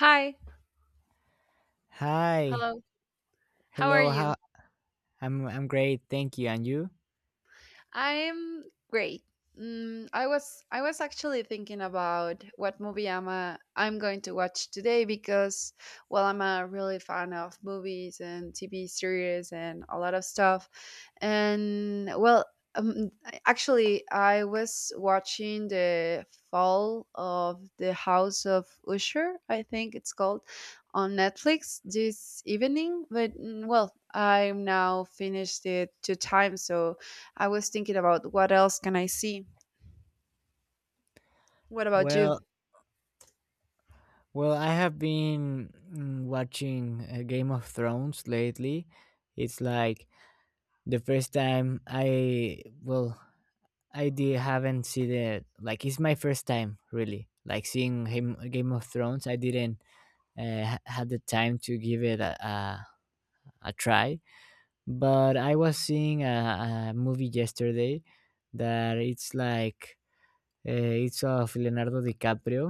Hi. Hi. Hello. How are Hello. How you? I'm great. Thank you. And you? I'm great. I was actually thinking about what movie I'm going to watch today, because well, I'm a really fan of movies and TV series and a lot of stuff, and well, actually I was watching the Fall of the House of Usher, I think it's called, on Netflix this evening. But well, I'm now finished it two times, so I was thinking, about what else can I see? What about you? Well, well, I have been watching Game of Thrones lately. It's like the first time I did haven't seen it. Like it's my first time really. Like seeing him Game of Thrones, I didn't had the time to give it a try. But I was seeing a movie yesterday that it's like it's of Leonardo DiCaprio,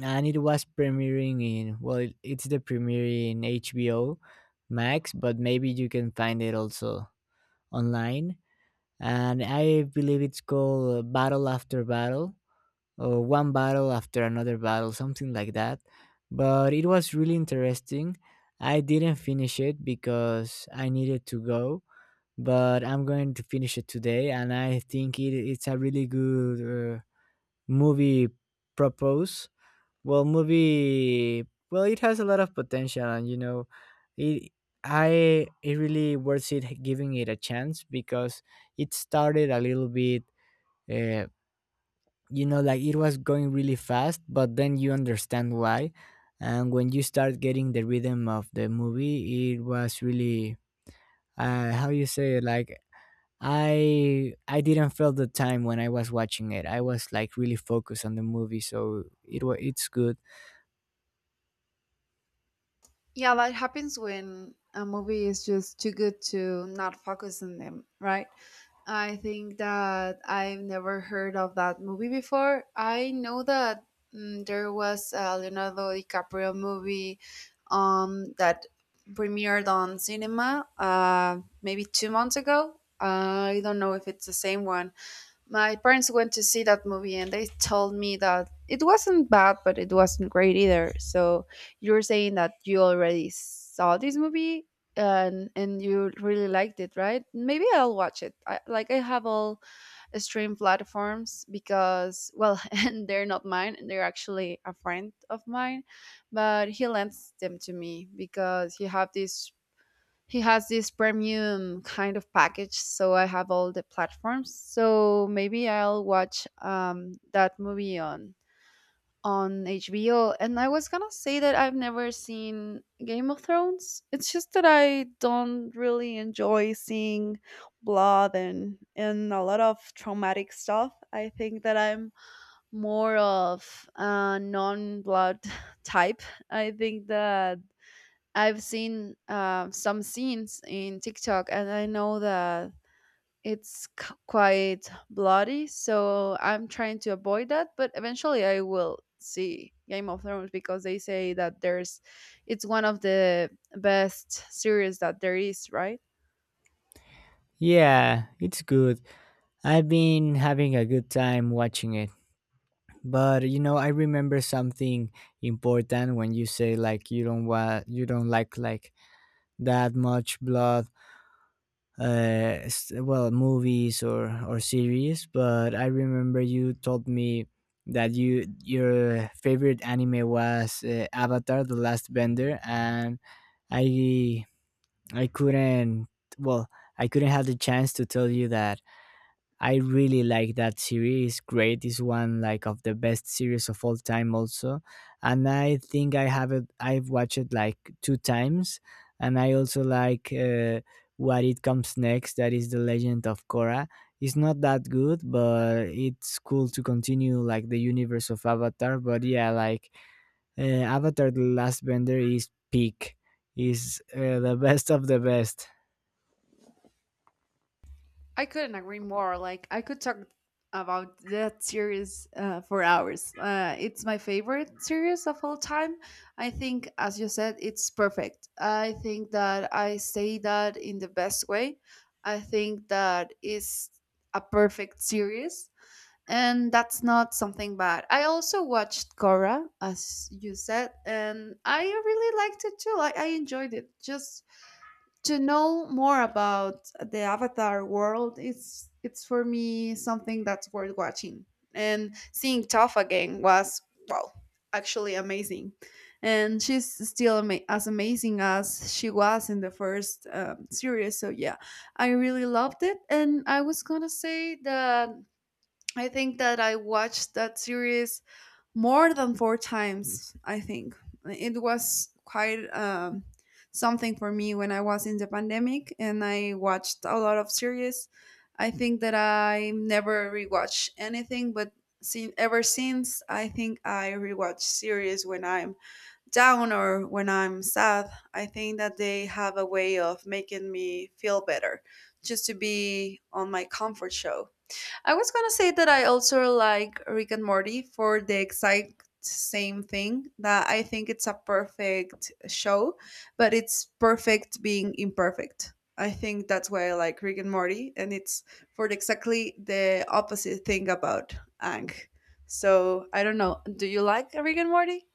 and it was premiering in it's the premiere in HBO Max, but maybe you can find it also online. And I believe it's called Battle After Battle or One Battle After Another Battle, something like that. But it was really interesting. I didn't finish it because I needed to go, but I'm going to finish it today, and I think it's a really good. Movie propose? Well, movie, it has a lot of potential, and you know, it I it really worth it giving it a chance because it started a little bit, uh, like it was going really fast, but then you understand why, and when you start getting the rhythm of the movie, it was really how you say it, like I didn't feel the time when I was watching it. I was like really focused on the movie, so it's good. Yeah, that happens when a movie is just too good to not focus on them, right? I think that I've never heard of that movie before. I know that there was a Leonardo DiCaprio movie that premiered on cinema maybe 2 months ago. I don't know if it's the same one. My parents went to see that movie and they told me that it wasn't bad, but it wasn't great either. So you're saying that you already saw this movie and you really liked it, right? Maybe I'll watch it. I, like, I have all stream platforms because well, and they're not mine. They're actually a friend of mine, but he lends them to me because he has this premium kind of package, so I have all the platforms, so maybe I'll watch that movie on HBO. And I was gonna say that I've never seen Game of Thrones. It's just that I don't really enjoy seeing blood and a lot of traumatic stuff. I think that I'm more of a non-blood type. I think that I've seen some scenes in TikTok, and I know that quite bloody. So I'm trying to avoid that, but eventually I will see Game of Thrones, because they say that it's one of the best series that there is, right? Yeah, it's good. I've been having a good time watching it. But you know, I remember something important when you say like you don't like that much blood well, movies or series. But I remember you told me that your favorite anime was Avatar: The Last Bender, and I I couldn't well I couldn't have the chance to tell you that I really like that series. Great is one like of the best series of all time also. And I think I've watched it like 2 times and I also like what it comes next that is The Legend of Korra. It's not that good, but it's cool to continue like the universe of Avatar, but yeah, like uh, Avatar the Last Bender is peak. Is the best of the best. I couldn't agree more. Like, I could talk about that series for hours. It's my favorite series of all time. I think, as you said, it's perfect. I think that I say that in the best way. I think that is a perfect series, and that's not something bad. I also watched Cora, as you said, and I really liked it too. Like, I enjoyed it. Just to know more about the Avatar world, it's for me something that's worth watching. And seeing Toph again was, well, actually amazing, and she's still as amazing as she was in the first series. So yeah, I really loved it, and I was gonna say that I think that I watched that series more than four times, I think. It was quite something for me when I was in the pandemic and I watched a lot of series. I think that I never rewatch anything, but sin ever since, I think I rewatch series when I'm down or when I'm sad. I think that they have a way of making me feel better, just to be on my comfort show. I was gonna say that I also like Rick and Morty for the exact same thing, that I think it's a perfect show, but it's perfect being imperfect. I think that's why I like Rick and Morty, and it's for exactly the opposite thing about Ang. So I don't know. Do you like Rick and Morty?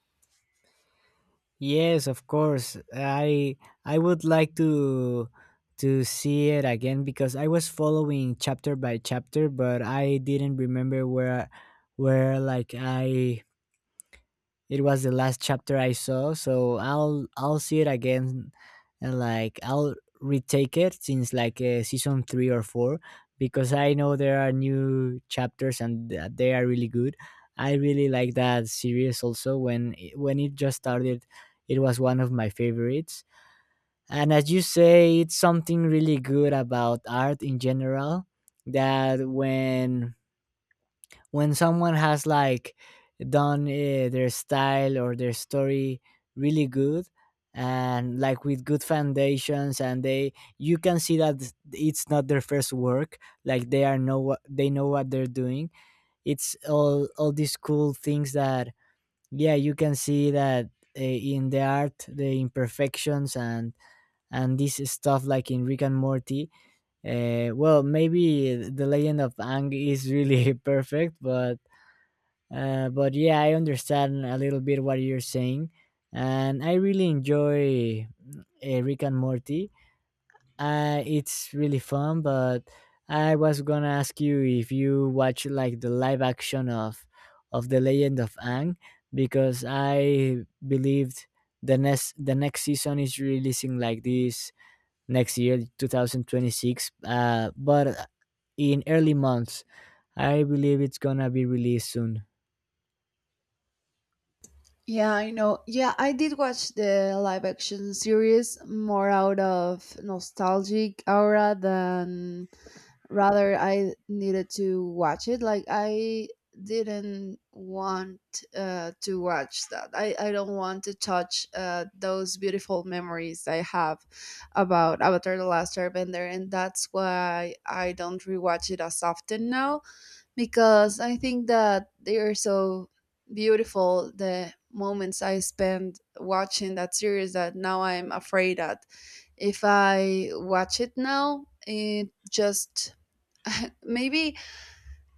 Yes, of course. I would like to see it again because I was following chapter by chapter, but I didn't remember where like I it was the last chapter I saw, so I'll see it again, and like I'll retake it since like season 3 or 4 because I know there are new chapters and they are really good. I really like that series also. When when it just started, it was one of my favorites. And as you say, it's something really good about art in general that when someone has like done their style or their story really good and like with good foundations and they you can see that it's not their first work like they are know what they know what they're doing. It's all these cool things that yeah you can see that in the art the imperfections and this stuff like in Rick and Morty. Well maybe the Legend of Ang is really perfect but yeah, I understand a little bit what you're saying, and I really enjoy Rick and Morty. It's really fun, but I was gonna ask you if you watch like the live action of the Legend of Ang, because I believed the next season is releasing like this next year, 2026. But in early months, I believe it's gonna be released soon. Yeah, I know. Yeah, I did watch the live action series more out of nostalgic aura than rather I needed to watch it. Like, I didn't want to watch that. I don't want to touch those beautiful memories I have about Avatar the Last Airbender, and that's why I don't rewatch it as often now, because I think that they are so beautiful, the moments I spent watching that series, that now I'm afraid that if I watch it now, it just maybe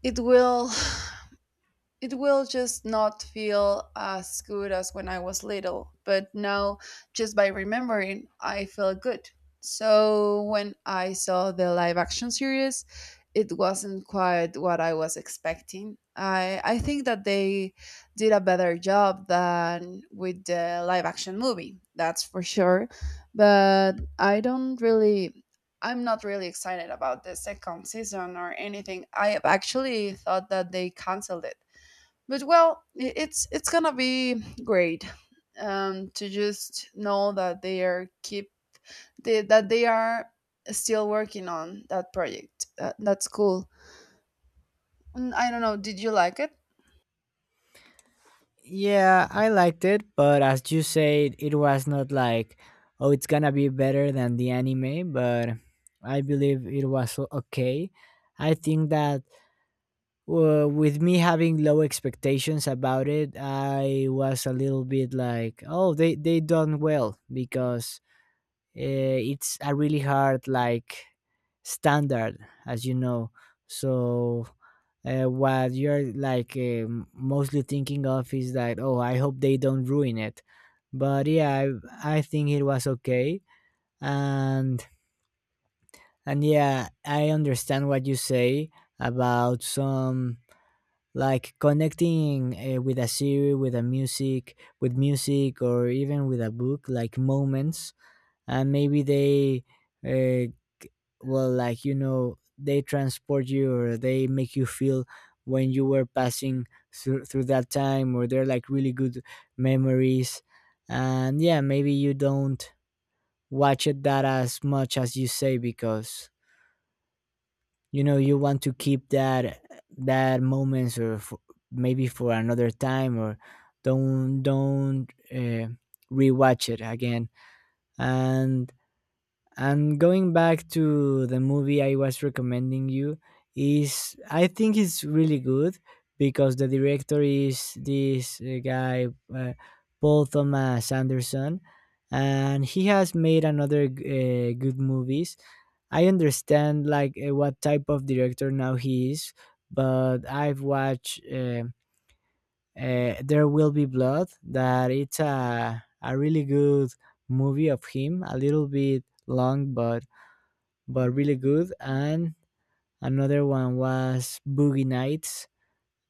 it will just not feel as good as when I was little. But now, just by remembering, I feel good. So when I saw the live action series, it wasn't quite what I was expecting. I think that they did a better job than with the live action movie, that's for sure. But I'm not really excited about the second season or anything. I have actually thought that they canceled it, but well, it's gonna be great, to just know that they are keep they, that they are still working on that project. That's cool. I don't know, did you like it? Yeah, I liked it, but as you said, it was not like, oh, it's gonna be better than the anime, but I believe it was okay. I think that with me having low expectations about it, I was a little bit like, oh, they done well because it's a really hard like standard, as you know. So what you're like mostly thinking of is that oh I hope they don't ruin it but yeah I think it was okay and and yeah I understand what you say about some like connecting with a series with a music with music or even with a book like moments and maybe they uh, well like you know they transport you or they make you feel when you were passing through that time or they're like really good memories and yeah maybe you don't watch it that as much as you say because you know you want to keep that that moments or f maybe for another time or don't rewatch it again and And going back to the movie I was recommending you is I think it's really good because the director is this guy uh, Paul Thomas Anderson and he has made another good movies. I understand like what type of director now he is, but I've watched There Will Be Blood that it's a really good movie of him, a little bit long but really good. And another one was Boogie Nights,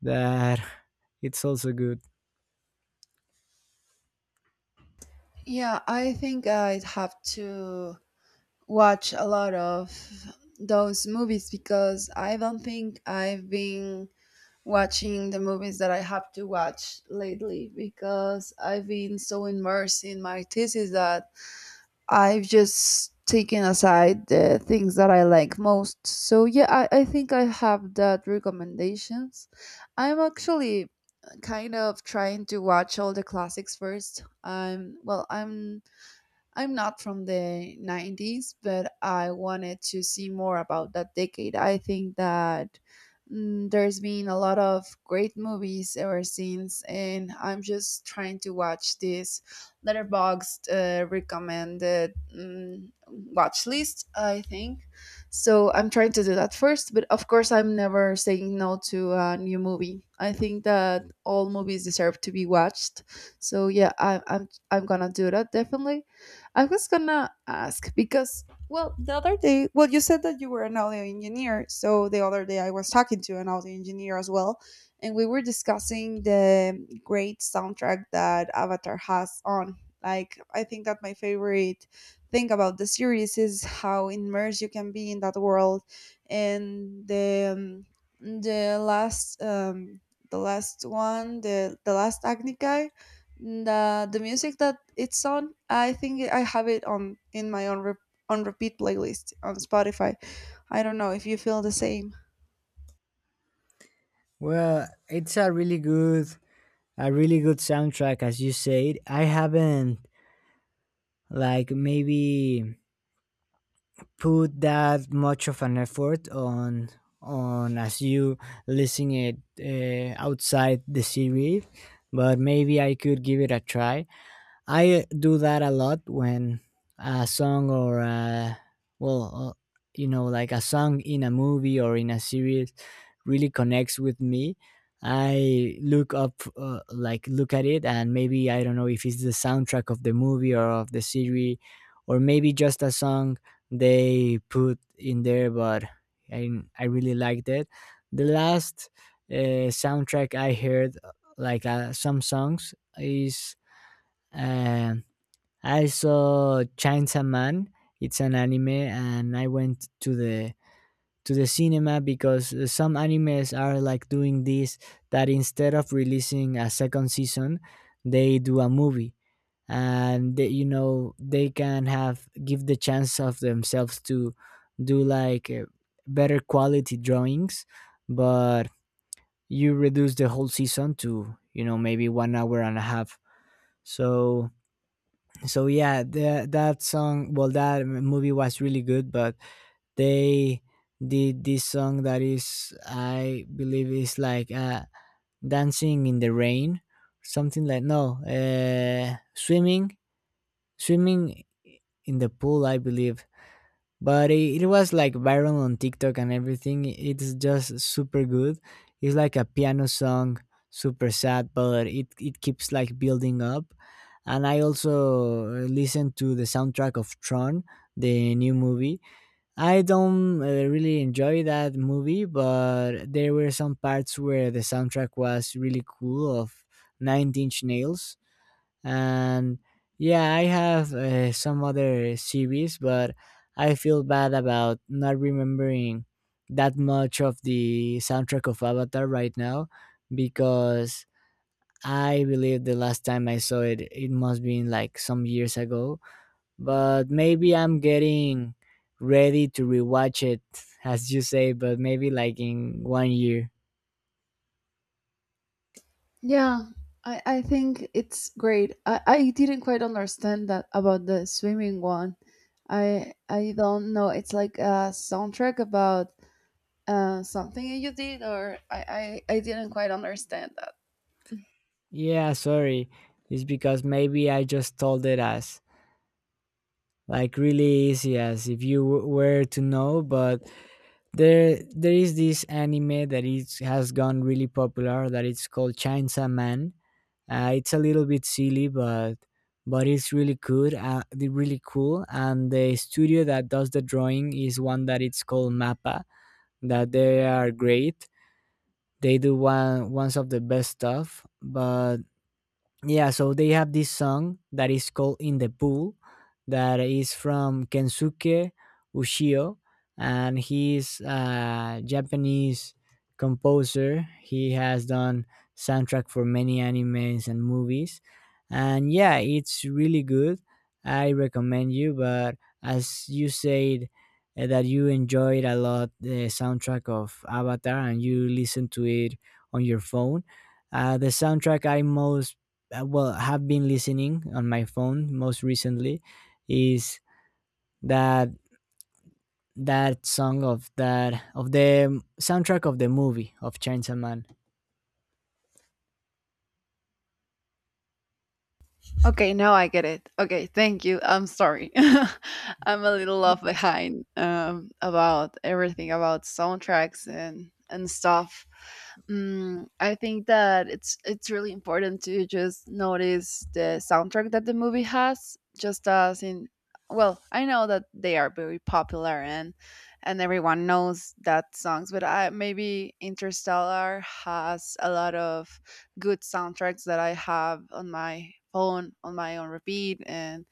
that it's also good. Yeah, I think I'd have to watch a lot of those movies, because I don't think I've been watching the movies that I have to watch lately, because I've been so immersed in my thesis, that I've just taken aside the things that I like most. So yeah, I think I have that recommendations. I'm actually kind of trying to watch all the classics first. I'm not from the 90s, but I wanted to see more about that decade. I think that there's been a lot of great movies ever since, and I'm just trying to watch this letterboxed recommended watch list, I think. So I'm trying to do that first, but of course, I'm never saying no to a new movie. I think that all movies deserve to be watched. So yeah, I'm gonna do that definitely. I was gonna ask because, well, the other day, well, you said that you were an audio engineer. So the other day, I was talking to an audio engineer as well, and we were discussing the great soundtrack that Avatar has on. Like, I think that my favorite thing about the series is how immersed you can be in that world, and the last um, the last one, the last Agni guy, the music that it's on. I think I have it on in my own on repeat playlist on Spotify. I don't know if you feel the same. Well, it's a really good soundtrack, as you said. I haven't like maybe put that much of an effort on as you listen it outside the series, but maybe I could give it a try. I do that a lot when a song or well, uh, you know, like a song in a movie or in a series really connects with me. I look up, like look at it, and maybe I don't know if it's the soundtrack of the movie or of the series, or maybe just a song they put in there. But I I really liked it. The last soundtrack I heard, like some songs, is. Um, I saw Chainsaw Man. It's an anime, and I went to the cinema because some animes are like doing this that instead of releasing a second season, they do a movie, and they, you know they can have give the chance of themselves to do like better quality drawings, but you reduce the whole season to you know maybe 1 hour and a half. So so yeah that song well that movie was really good but they did this song that is I believe is like dancing in the rain something like no swimming swimming in the pool I believe but it was like viral on TikTok and everything. It's just super good. It's like a piano song, super sad, but it keeps like building up. And I also listened to the soundtrack of Tron, the new movie. I don't really enjoy that movie, but there were some parts where the soundtrack was really cool of Nine Inch Nails and yeah I have some other series but I feel bad about not remembering that much of the soundtrack of Avatar right now because I believe the last time I saw it it must be like some years ago but maybe I'm getting ready to rewatch it as you say but maybe like in 1 year. Yeah, I think it's great. I didn't quite understand that about the swimming one. I don't know. It's like a soundtrack about something you did, or I didn't quite understand that. Yeah sorry it's because maybe I just told it as like really easy as if you were to know but there is this anime that is has gone really popular that it's called Chainsaw Man. It's a little bit silly but it's really good really cool and the studio that does the drawing is one that it's called Mappa that they are great. They do one ones of the best stuff but yeah so they have this song that is called In the Pool that is from Kensuke Ushio and he's a Japanese composer. He has done soundtrack for many animes and movies and yeah it's really good. I recommend you but as you said, that you enjoyed a lot the soundtrack of Avatar and you listen to it on your phone. The soundtrack I most well have been listening on my phone most recently is that that song of that of the soundtrack of the movie of Chainsaw Man. Okay, now I get it. Okay, thank you. I'm sorry. I'm a little off behind about everything about soundtracks and stuff. I think that it's really important to just notice the soundtrack that the movie has, just as in, well, I know that they are very popular and everyone knows that songs. But I, maybe Interstellar has a lot of good soundtracks that I have on my phone on my own repeat, and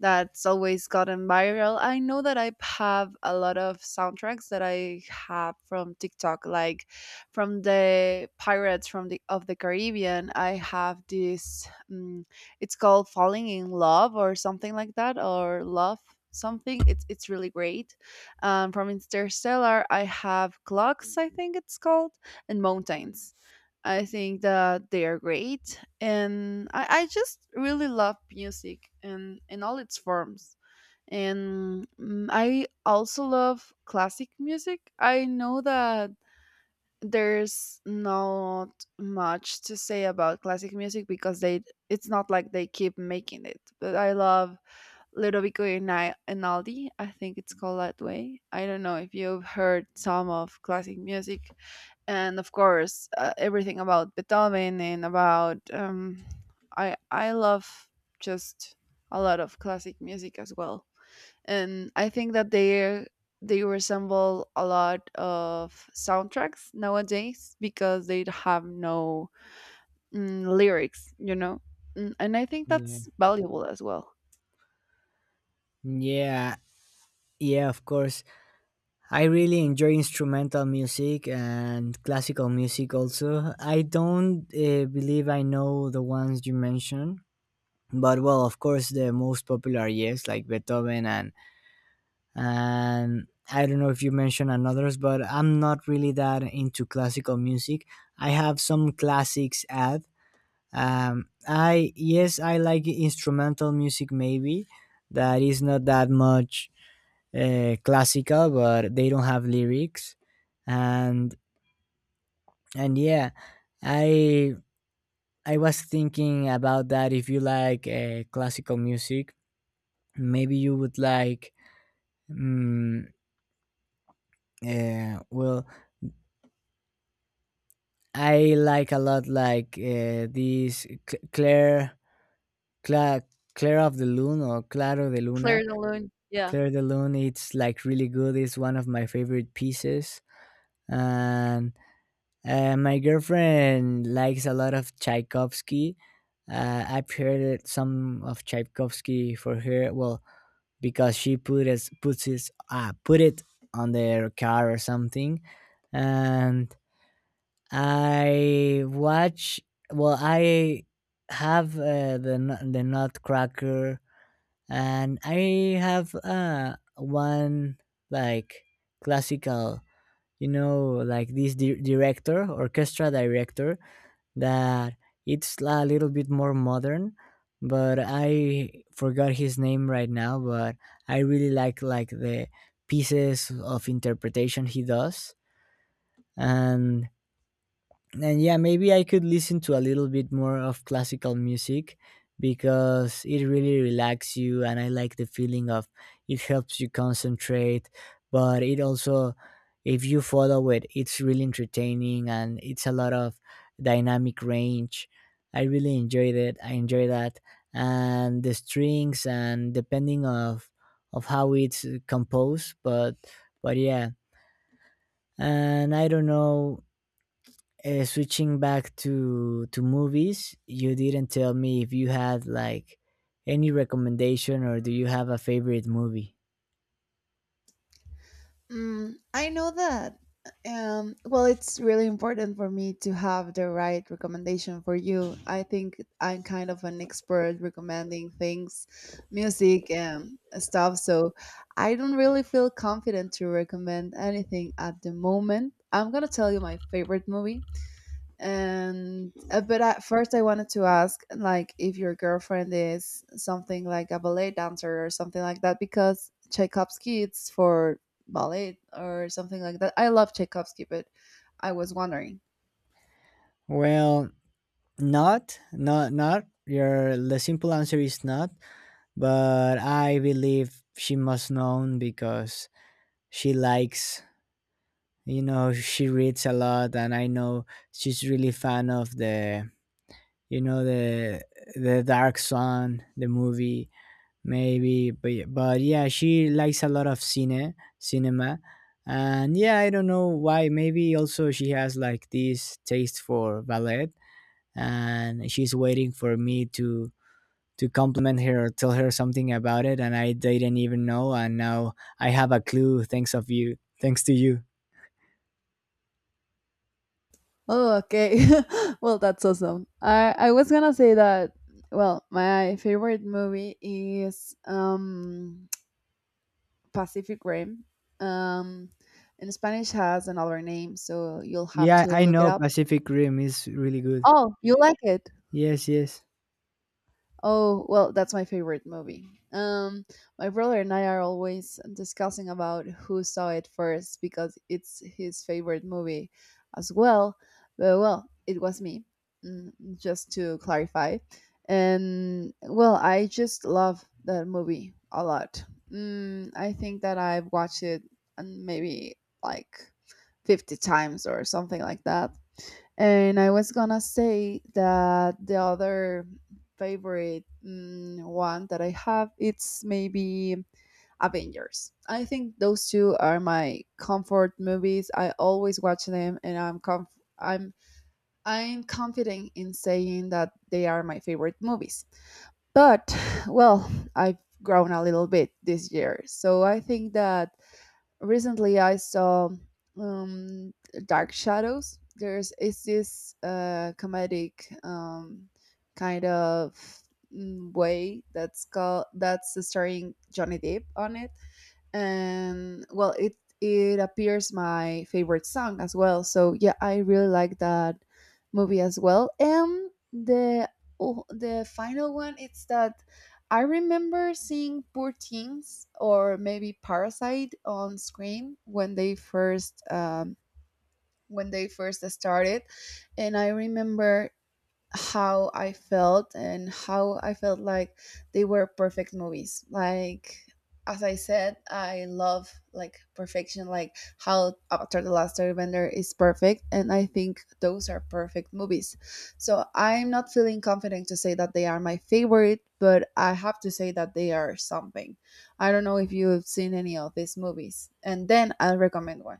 that's always gotten viral. I know that I have a lot of soundtracks that I have from TikTok, like from the Pirates from the of the Caribbean. I have this it's called Falling in Love or something like that, or Love something. It's really great. From Interstellar I have Clocks, I think it's called, and Mountains. I think that they are great, and I just really love music and in all its forms. And I also love classic music. I know that there's not much to say about classic music, because they it's not like they keep making it. But I love Ludovico Einaudi, I think it's called that way. I don't know if you've heard some of classic music, and of course everything about Beethoven and about I love just a lot of classic music as well, and I think that they resemble a lot of soundtracks nowadays, because they have no lyrics. And I think Yeah. that's valuable as well. Yeah. Yeah, of course. I really enjoy instrumental music and classical music also. I don't believe I know the ones you mentioned, but well, of course, the most popular, yes, like Beethoven and I don't know if you mentioned another's, but I'm not really that into classical music. I have some classics at. I yes, I like instrumental music maybe that is not that much classical, but they don't have lyrics, and and yeah, I I was thinking about that. If you like classical music, maybe you would like. Um, uh, well, I like a lot like this Cla- Claire of the Lune or Claro de Claire Luna. de Lune, yeah. Claire de Lune it's like really good. It's one of my favorite pieces. And my girlfriend likes a lot of Tchaikovsky. I've some of Tchaikovsky for her. Well, because she put us put it on their car or something, and I watch. Well, I have the Nutcracker, and I have one like classical, like this director, orchestra director, that it's a little bit more modern, but I forgot his name right now. But I really like the pieces of interpretation he does, and and yeah, maybe I could listen to a little bit more of classical music, because it really relaxes you and I like the feeling of It helps you concentrate, but it also, if you follow it, it's really entertaining and it's a lot of dynamic range. I really enjoyed it. I enjoy that, and the strings, and depending of how it's composed. But yeah, and I don't know, switching back to movies, you didn't tell me if you had like any recommendation, or do you have a favorite movie? I know that. Well, it's really important for me to have the right recommendation for you. I think I'm kind of an expert recommending things, music and stuff. So I don't really feel confident to recommend anything at the moment. I'm gonna tell you my favorite movie, and but at first I wanted to ask, like, if your girlfriend is something like a ballet dancer or something like that, because Tchaikovsky it's for ballet or something like that. I love Tchaikovsky, but I was wondering. Well, not not not your the simple answer is not, but I believe she must know, because she likes, you know, she reads a lot, and I know she's really fan of the, you know, the Dark Sun, the movie, maybe. But, yeah, but yeah, she likes a lot of cinema. And yeah, I don't know why, maybe also she has like this taste for ballet, and she's waiting for me to compliment her or tell her something about it, and I didn't even know, and now I have a clue, thanks to you. Oh, okay. Well, that's awesome. I was gonna say that, well, my favorite movie is Pacific Rim. um in Spanish has another name, so you'll have Yeah, to I look it know up. Pacific Rim is really good. Oh, you like it? Yes, yes. Oh, well, that's my favorite movie. Um, my brother and I are always discussing about who saw it first, because it's his favorite movie as well. But well, it was me, mm, just to clarify. And well, I just love that movie a lot. I think that I've watched it and maybe like 50 times or something like that. And I was gonna say that the other favorite one that I have, it's maybe Avengers. I think those two are my comfort movies. I always watch them, and I'm comf- I'm confident in saying that they are my favorite movies. But well, I've grown a little bit this year, so I think that recently I saw um, Dark Shadows. There's is this comedic kind of way that's called, that's starring Johnny Depp on it, and well, it appears my favorite song as well, so yeah, I really like that movie as well. And the, oh, the final one, it's that I remember seeing Poor Things or maybe Parasite on screen when they first started, and I remember how I felt, and how I felt like they were perfect movies. Like, as I said, I love, like, perfection, like how After the Last Airbender is perfect, and I think those are perfect movies. So I'm not feeling confident to say that they are my favorite, but I have to say that they are something. I don't know if you've seen any of these movies, and then I'll recommend one.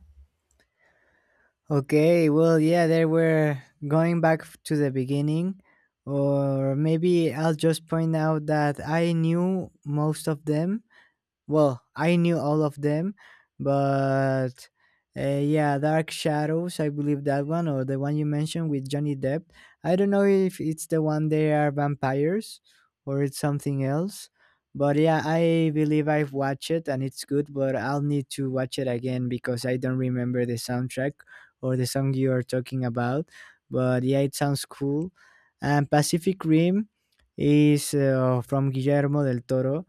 Okay, well, yeah, they were going to the beginning, or maybe I'll just point out that I knew most of them, well, I knew all of them, but yeah, Dark Shadows, I believe that one, or the one you mentioned with Johnny Depp. I don't know if it's the one they are vampires or it's something else. But yeah, I believe I've watched it and it's good, but I'll need to watch it again because I don't remember the soundtrack or the song you are talking about. But yeah, it sounds cool. And Pacific Rim is from Guillermo del Toro,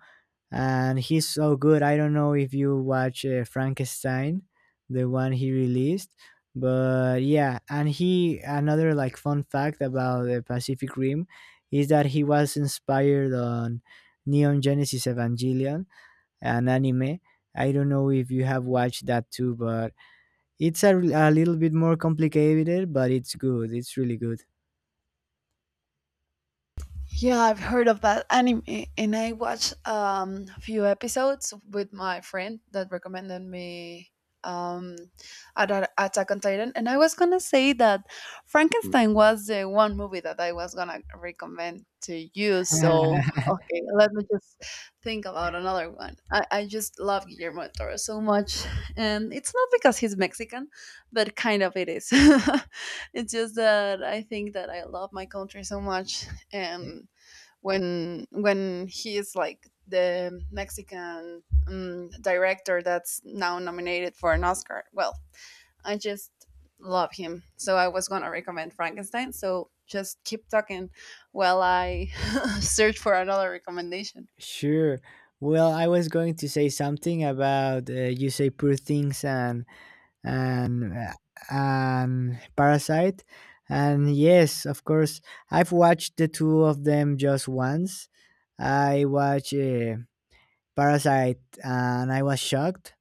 and he's so good. I don't know if you watch Frankenstein, the one he released, but yeah. And he another like fun fact about the Pacific Rim is that he was inspired on Neon Genesis Evangelion, an anime. I don't know if you have watched that too, but it's a little bit more complicated, but it's good. It's really good. Yeah, I've heard of that anime, and I watched a few episodes with my friend that recommended me um, Attack on Titan. And I was gonna say that Frankenstein was the one movie that I was gonna recommend to you. So okay, let me just think about another one. I just love Guillermo del Toro so much, and it's not because he's Mexican, but kind of it is. It's just that I think that I love my country so much, and when he is, like, the Mexican director that's now nominated for an Oscar. Well, I just love him, so I was gonna recommend Frankenstein. So just keep talking while I search for another recommendation. Sure. Well, I was going to say something about you say Poor Things and and uh, and Parasite, and yes, of course, I've watched the two of them just once. I watched Parasite, and I was shocked.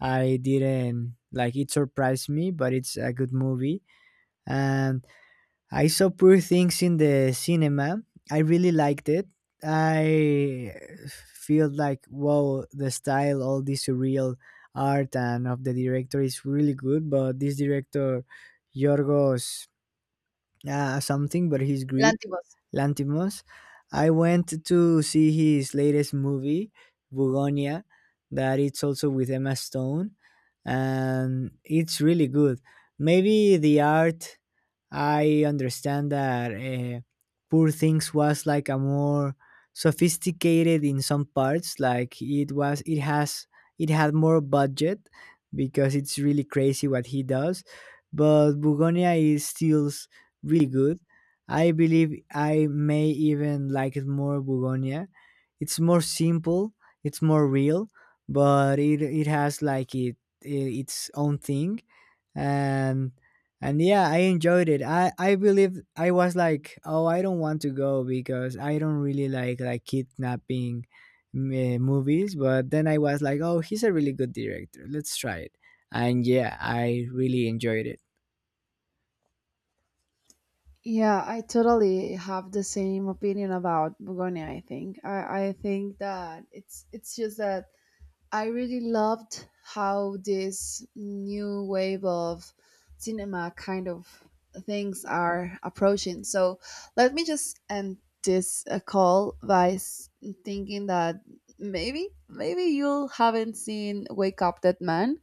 I didn't like it, surprised me, but it's a good movie, and I saw Poor Things in the cinema. I really liked it. I feel like wow, the style, all this surreal art, and of the director is really good. But this director, Yorgos something, but he's Greek, Lantibus. Lantimos. I went to see his latest movie, Bugonia, that it's also with Emma Stone, and it's really good. Maybe the art, I understand that Poor Things was like a more sophisticated in some parts. Like it was, it has, it had more budget because it's really crazy what he does. But Bugonia is really good. I believe I may even like it more, Bugonia. It's more simple, it's more real, but it has like it its own thing, and and yeah, I enjoyed it. I believe I was like, oh, I don't want to go because I don't really like kidnapping movies, but then I was like, oh, he's a really good director, let's try it. And yeah, I really enjoyed it. Yeah, I totally have the same opinion about Begonia. I think that it's just that I really loved how this new wave of cinema kind of things are approaching. So let me just end this call by thinking that maybe you haven't seen Wake Up Dead Man.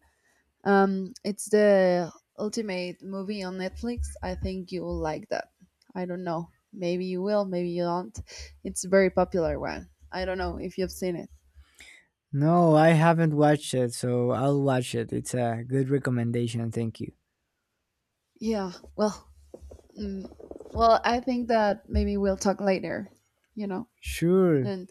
It's the ultimate movie on Netflix. I think you will like that. I don't know. Maybe you will. Maybe you don't. It's a very popular one. I don't know if you've seen it. No, I haven't watched it, so I'll watch it. It's a good recommendation, thank you. Yeah. Well, Mm, well, I think that maybe we'll talk later, you know? Sure. And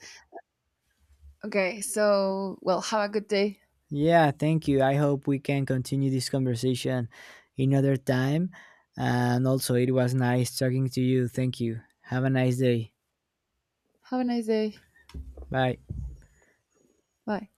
okay, so, well, have a good day. Yeah, thank you. I hope we can continue this conversation another time. And also, it was nice talking to you. Thank you. Have a nice day. Have a nice day. Bye. Bye.